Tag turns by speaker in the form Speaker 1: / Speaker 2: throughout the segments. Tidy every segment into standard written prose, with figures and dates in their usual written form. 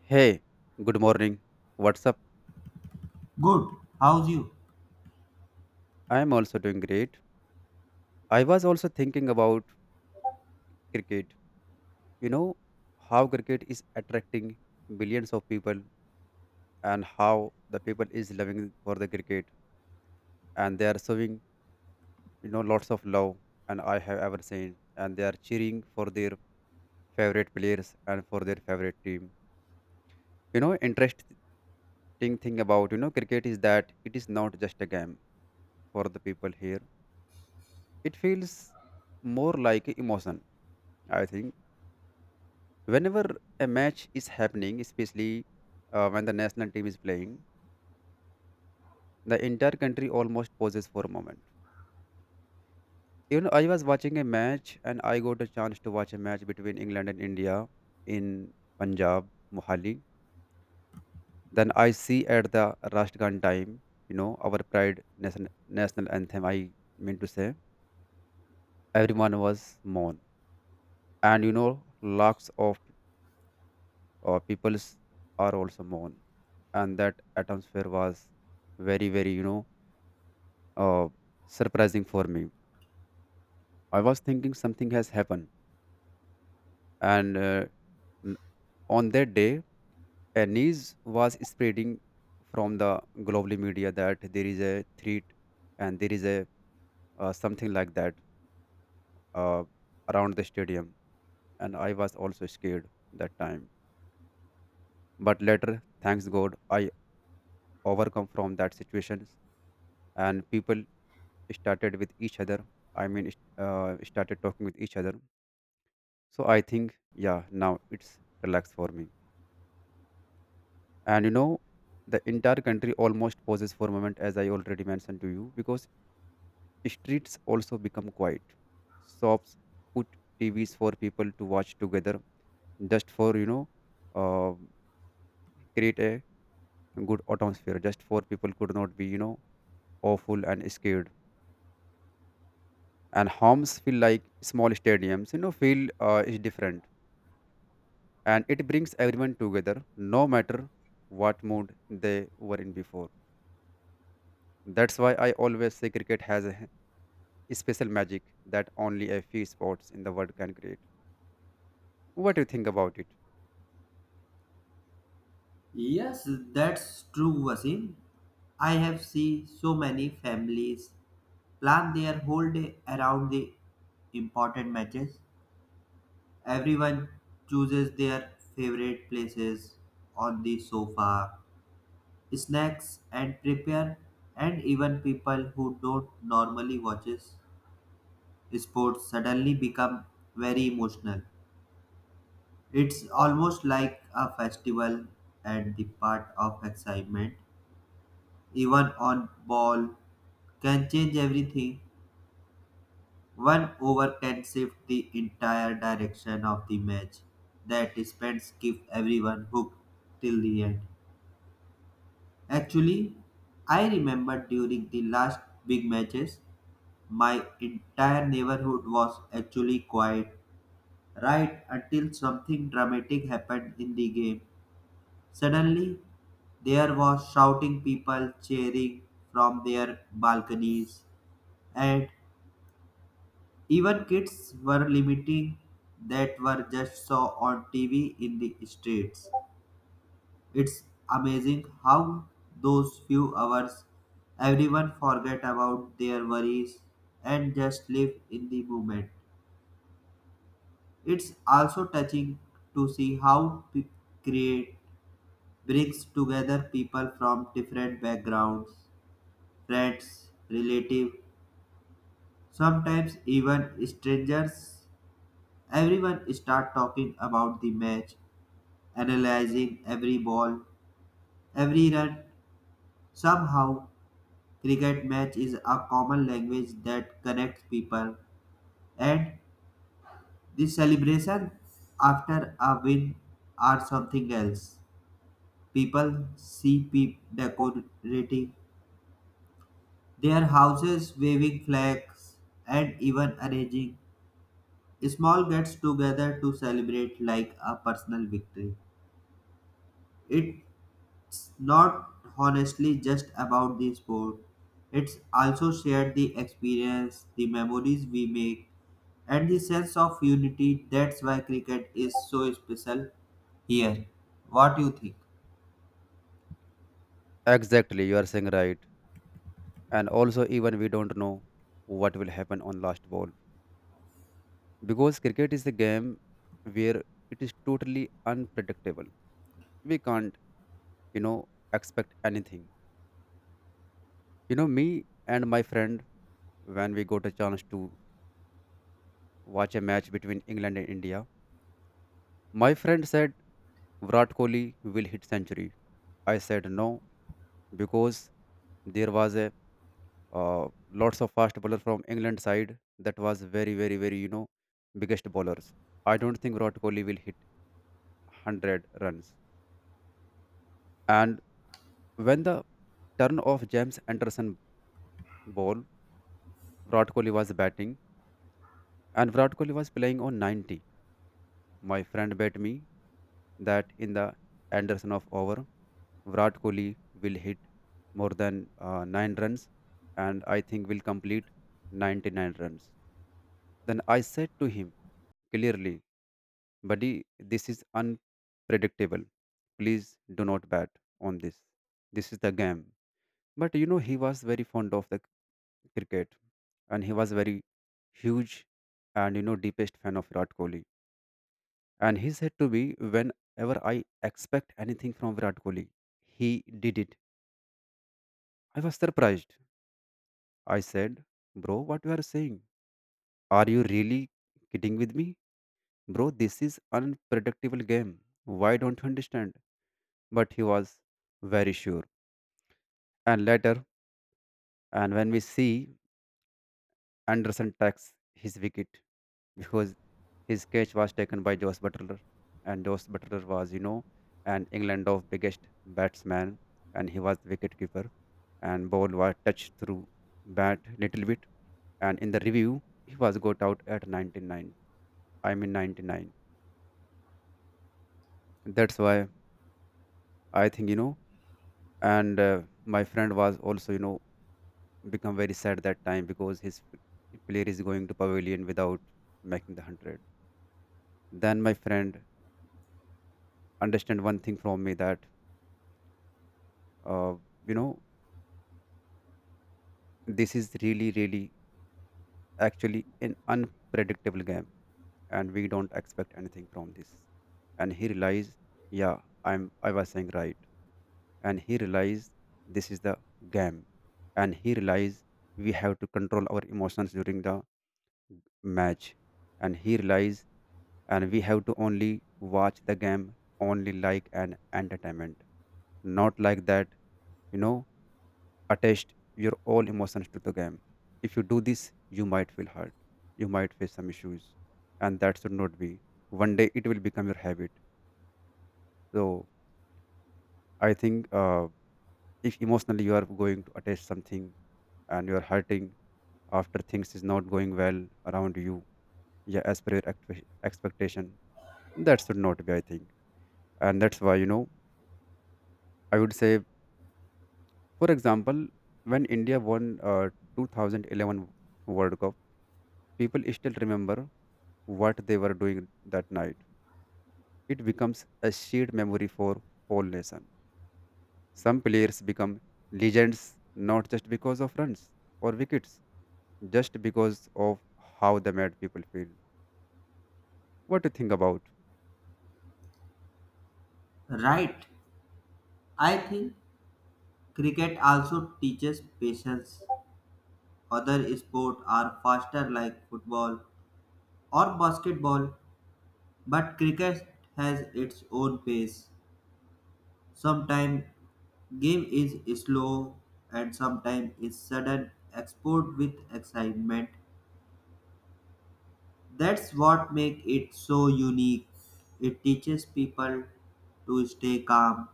Speaker 1: Hey, good morning. What's up?
Speaker 2: Good. How's you?
Speaker 1: I'm also doing great. I was also thinking about cricket. You know how cricket is attracting billions of people and how the people is loving for the cricket and they are showing, lots of love and I have ever seen and they are cheering for their favorite players and for their favorite team. You know, interesting thing about, cricket is that it is not just a game for the people here. It feels more like a emotion, I think. Whenever a match is happening, especially when the national team is playing, the entire country almost pauses for a moment. You know, I was watching a match and I got a chance to watch a match between England and India in Punjab, Mohali. Then I see at the Rashtragan time, you know, our pride nation, national anthem, I mean to say, everyone was mourn. And you know, lakhs of peoples are also mourn and that atmosphere was very very uh, surprising for me. I was thinking something has happened, and n- on that day a news was spreading from the global media that there is a threat and there is a something like that uh, around the stadium, and I was also scared that time. But later, thanks god, I overcome from that situations and people started with each other, I mean started talking with each other. So I think, yeah, now it's relaxed for me. And you know, the entire country almost pauses for a moment, as I already mentioned to you, because streets also become quiet, shops put TVs for people to watch together just for you know uh, create a good atmosphere just for people could not be, awful and scared. And homes feel like small stadiums, you know, feel is different, and it brings everyone together no matter what mood they were in before. That's why I always say cricket has a special magic that only a few sports in the world can create. What do you think about it?
Speaker 2: Yes, that's true, Vasim. I have seen so many families plan their whole day around the important matches. Everyone chooses their favorite places on the sofa, snacks and prepare, and even people who don't normally watches sports suddenly become very emotional. It's almost like a festival, and the part of excitement even on ball, can change everything. One over can shift the entire direction of the match. That spends keep everyone hooked till the end. Actually, I remember during the last big matches, my entire neighborhood was actually quiet right until something dramatic happened in the game. Suddenly, there was shouting people cheering from their balconies, and even kids were limiting that were just saw on TV in the streets. It's amazing how those few hours everyone forget about their worries and just live in the moment. It's also touching to see how create brings together people from different backgrounds, friends, relatives, sometimes even strangers. Everyone start talking about the match analyzing every ball, every run. Somehow, cricket match is a common language that connects people, and the celebration after a win are something else. People see people decorating their houses, waving flags, and even arranging small gets together to celebrate like a personal victory. It not honestly just about the sport. It's also shared the experience, the memories we make, and the sense of unity. That's why cricket is so special here. What do you think?
Speaker 1: Exactly, you are saying right. And also, even we don't know what will happen on last ball, because cricket is a game where it is totally unpredictable. We can't, you know, expect anything. You know, me and my friend, when we got a chance to watch a match between England and India. My friend said Virat Kohli will hit century. I said no, because there was a lots of fast bowler from England side that was very very very biggest bowlers. I don't think Virat Kohli will hit 100 runs. And when the turn of James Anderson ball, Virat Kohli was batting and Virat Kohli was playing on 90. My friend bet me that in the Anderson of over, Virat Kohli will hit more than 9 runs, and I think will complete 99 runs. Then I said to him clearly, buddy, this is unpredictable. Please do not bet on this. This is the game. But you know, he was very fond of the cricket, and he was very huge, and you know, deepest fan of Virat Kohli. And he said to me, whenever I expect anything from Virat Kohli, he did it. I was surprised. I said, bro, what you are saying? Are you really kidding with me? Bro, this is unpredictable game. Why don't you understand? But he was very sure. And later, and when we see Anderson takes his wicket because his catch was taken by Josh Butler, and Josh Butler was, you know, an England of biggest batsman, and he was the wicketkeeper, and ball was touched through bat little bit, and in the review he was got out at 99. I mean 99. That's why I think, you know, and my friend was also, you know, become very sad that time because his player is going to pavilion without making the hundred. Then my friend understand one thing from me, that uh, you know, this is really really actually an unpredictable game, and we don't expect anything from this. And he realized, yeah, I was saying right. And he realized this is the game. And he realized we have to control our emotions during the match. And he realized and we have to only watch the game only like an entertainment, not like that, you know, attached your all emotions to the game. If you do this, you might feel hurt. You might face some issues, and that should not be. One day it will become your habit. So I think if emotionally you are going to attach something and you are hurting after things is not going well around you, yeah, as per your expectation, that should not be. I think, and that's why, you know, I would say, for example, when India won 2011 World Cup, people still remember what they were doing that night. It becomes a shared memory for whole nation. Some players become legends, not just because of runs or wickets, just because of how they made people feel. What do you think about?
Speaker 2: Right. I think cricket also teaches patience. Other sports are faster like football or basketball, but cricket has its own pace. Sometimes game is slow and sometimes is sudden export with excitement. That's what make it so unique. It teaches people to stay calm,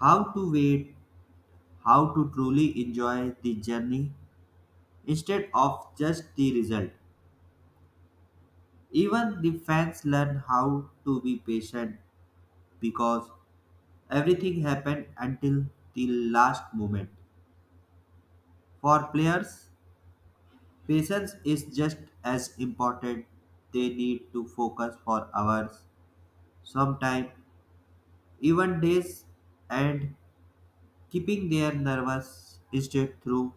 Speaker 2: how to wait, how to truly enjoy the journey instead of just the result. Even the fans learn how to be patient because everything happened until the last moment. For players, patience is just as important. They need to focus for hours, sometimes even days, and keeping their nervous state through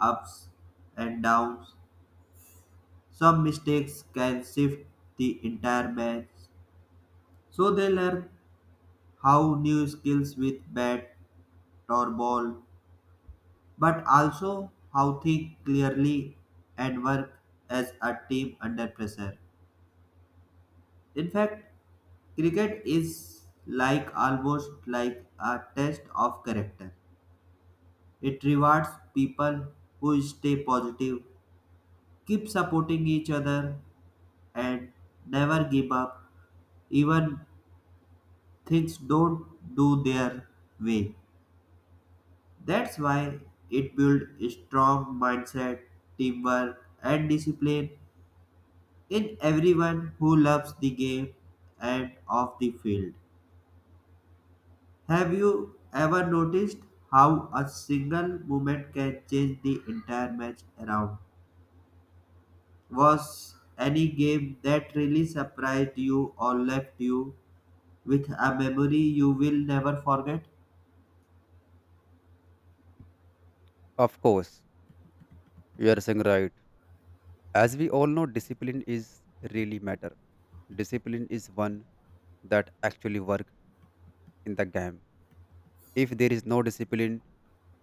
Speaker 2: ups and downs. Some mistakes can shift the entire match, so they learn how new skills with bat or ball, but also how think clearly and work as a team under pressure. In fact, cricket is like almost like a test of character. It rewards people who stay positive, keep supporting each other, and never give up, even things don't do their way. That's why it builds strong mindset, teamwork, and discipline in everyone who loves the game and of the field. Have you ever noticed how a single moment can change the entire match around? Was any game that really surprised you or left you with a memory you will never forget?
Speaker 1: Of course, you are saying right. As we all know, discipline is really matter. Discipline is one that actually work in the game. If there is no discipline,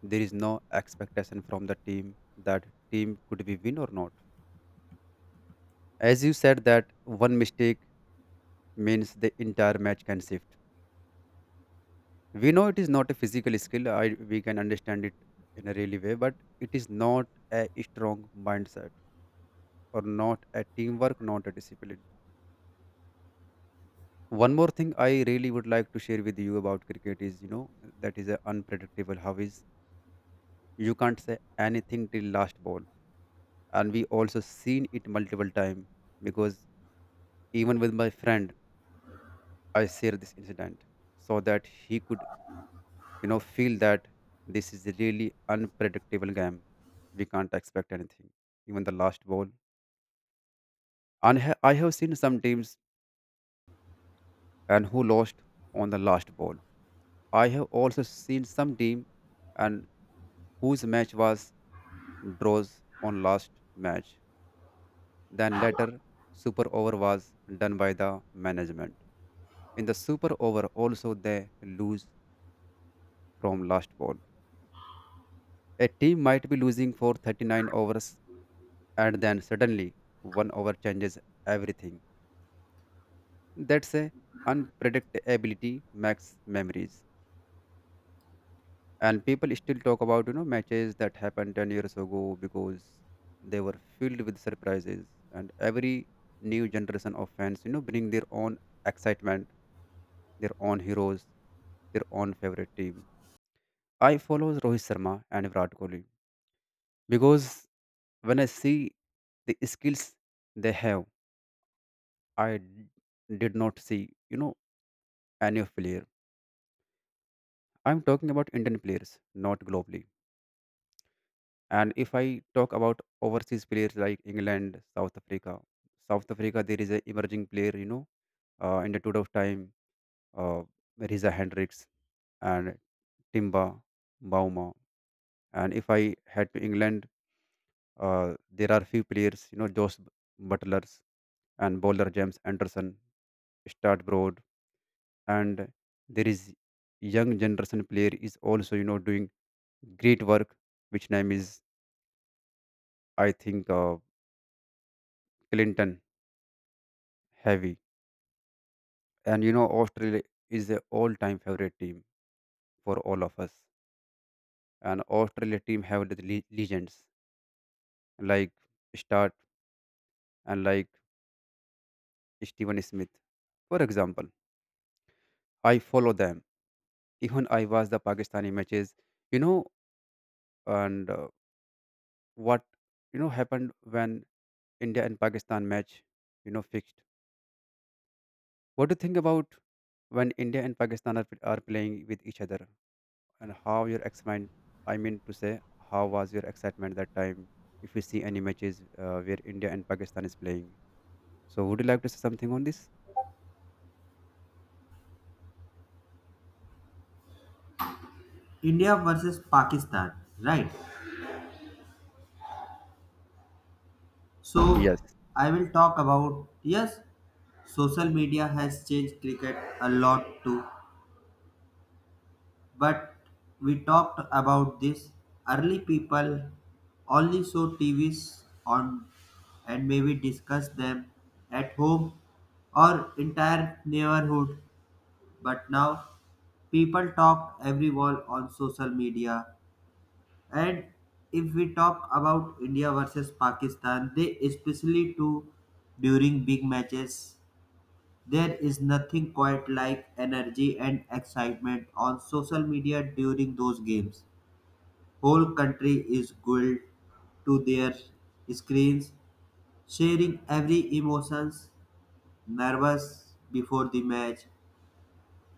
Speaker 1: there is no expectation from the team that team could be win or not. As you said that one mistake means the entire match can shift. We know it is not a physical skill. We can understand it in a really way, but it is not a strong mindset or not a teamwork, not a discipline. One more thing I really would like to share with you about cricket is, you know, that is a unpredictable. How is you can't say anything till last ball, and we also seen it multiple time, because even with my friend I share this incident so that he could, you know, feel that this is a really unpredictable game, we can't expect anything, even the last ball. And I have seen some teams and who lost on the last ball. I have also seen some team, and whose match was draws on last match, then later super over was done by the management. In the super over, also they lose from last ball. A team might be losing for 39 overs and then suddenly one over changes everything. That's a unpredictability makes memories. And people still talk about, you know, matches that happened 10 years ago because they were filled with surprises. And every new generation of fans, you know, bring their own excitement, their own heroes, their own favorite team. I follow Rohit Sharma and Virat Kohli because when I see the skills they have, did not see, you know, any of player. I'm talking about Indian players, not globally. And if I talk about overseas players like England, South Africa, South Africa, there is a emerging player, you know, in the tour of time, uh, Riza Hendricks and Timba, Bauma. And if I head to England, there are few players, you know, Josh Butlers and bowler James Anderson, start broad, and there is young generation player is also, you know, doing great work, which name is, I think, Clinton Heavy. And you know, Australia is a all-time favorite team for all of us, and Australia team have the legends like Start and like Steven Smith, for example. I follow them. Even I watched the Pakistani matches, you know, and what, you know, happened when India and Pakistan match, you know, fixed. What do you think about when India and Pakistan are playing with each other, and how your excitement? I mean to say, how was your excitement that time? If you see any matches where India and Pakistan is playing, so would you like to say something on this?
Speaker 2: India versus Pakistan, right? So,
Speaker 1: Yes,
Speaker 2: I will talk about, yes, social media has changed cricket a lot too. But we talked about this early, people only saw TVs on and maybe discuss them at home or entire neighborhood. But now people talk everyone on social media, and if we talk about India versus Pakistan, they especially too during big matches. There is nothing quite like energy and excitement on social media during those games. Whole country is glued to their screens, sharing every emotions, nervous before the match,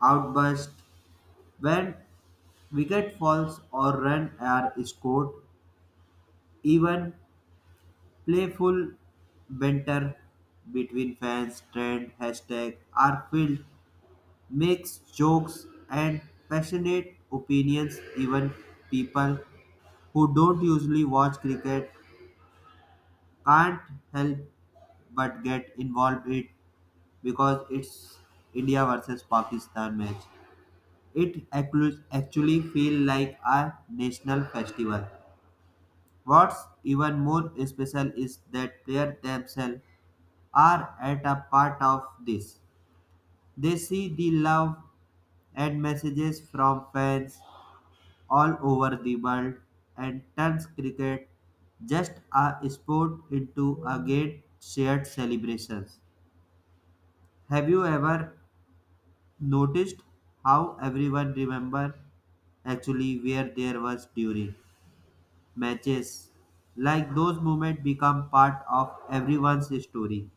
Speaker 2: outburst when wicket falls or run are scored, even playful banter between fans, trend, hashtag are filled, makes jokes and passionate opinions. Even people who don't usually watch cricket can't help but get involved it because it's India versus Pakistan match. It actually feel like a national festival. What's even more special is that players themselves are at a part of this. They see the love and messages from fans all over the world and turns cricket just a sport into a great shared celebrations. Have you ever noticed how everyone remember actually where there was during matches. Like those moments become part of everyone's story.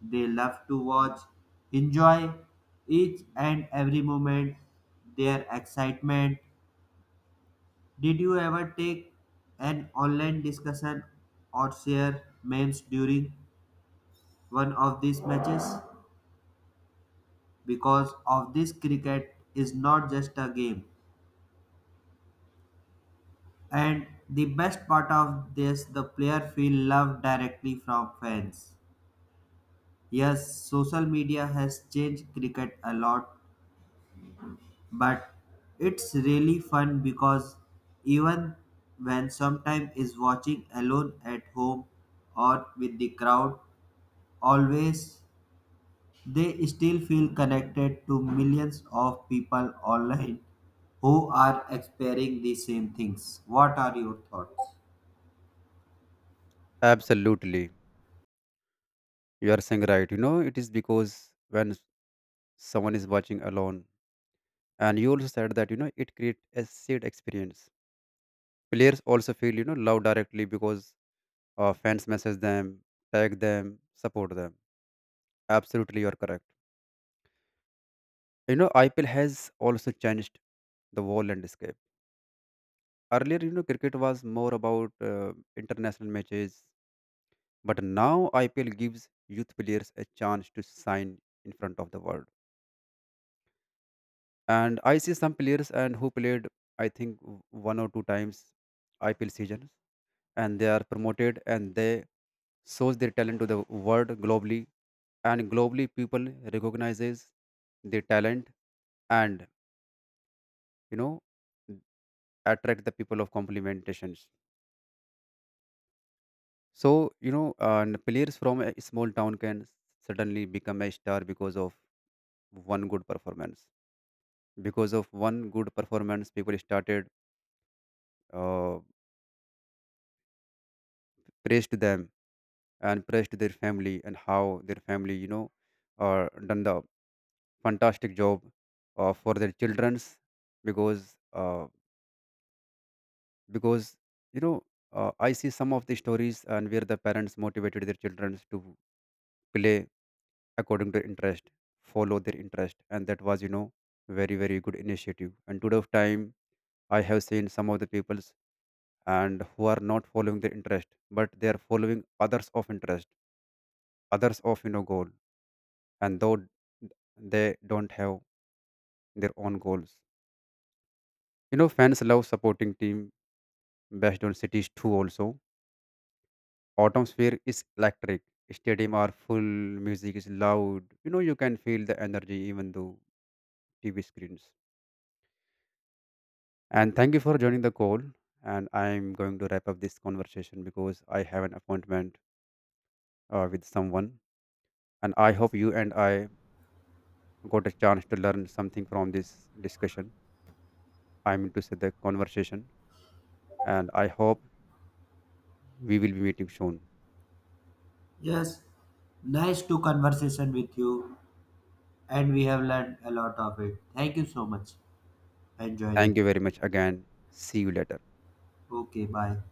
Speaker 2: They love to watch, enjoy each and every moment, their excitement. Did you ever take an online discussion or share memes during one of these matches? Because of this cricket is not just a game. And the best part of this, the player feel love directly from fans. Yes, social media has changed cricket a lot, but it's really fun because even when sometime is watching alone at home or with the crowd, always they still feel connected to millions of people online who are experiencing the same things. What are your thoughts?
Speaker 1: absolutely. You are saying right. You know, it is because when someone is watching alone, and you also said that, you know, it creates a shared experience, players also feel, you know, love directly because fans message them, tag them, support them. Absolutely, you're correct. You know, IPL has also changed the whole landscape. Earlier, you know, cricket was more about international matches, but now IPL gives youth players a chance to shine in front of the world. And I see some players and who played, I think, one or two times IPL seasons, and they are promoted and they shows their talent to the world globally, and globally people recognizes the talent, and, you know, attract the people of complementations. So, you know, and players from a small town can suddenly become a star because of one good performance. Because of one good performance, people started uh, praised them and praised their family, and how their family, you know, done the fantastic job for their childrens. Because uh, because you know, I see some of the stories and where the parents motivated their children to play according to interest, follow their interest, and that was, you know, very very good initiative. And today of time, I have seen some of the peoples and who are not following their interest, but they are following others of interest, others of, you know, goal, and though they don't have their own goals. You know, fans love supporting team based on cities too also. Atmosphere is electric, stadium are full, music is loud, you know, you can feel the energy even though TV screens. And thank you for joining the call, and I'm going to wrap up this conversation because I have an appointment with someone. And I hope you and I got a chance to learn something from this discussion, I mean to say the conversation, and I hope we will be meeting soon.
Speaker 2: Yes, nice to conversation with you and we have learned a lot of it. Thank you so much and
Speaker 1: Thank
Speaker 2: joining.
Speaker 1: you very much again. See you later.
Speaker 2: Okay, bye.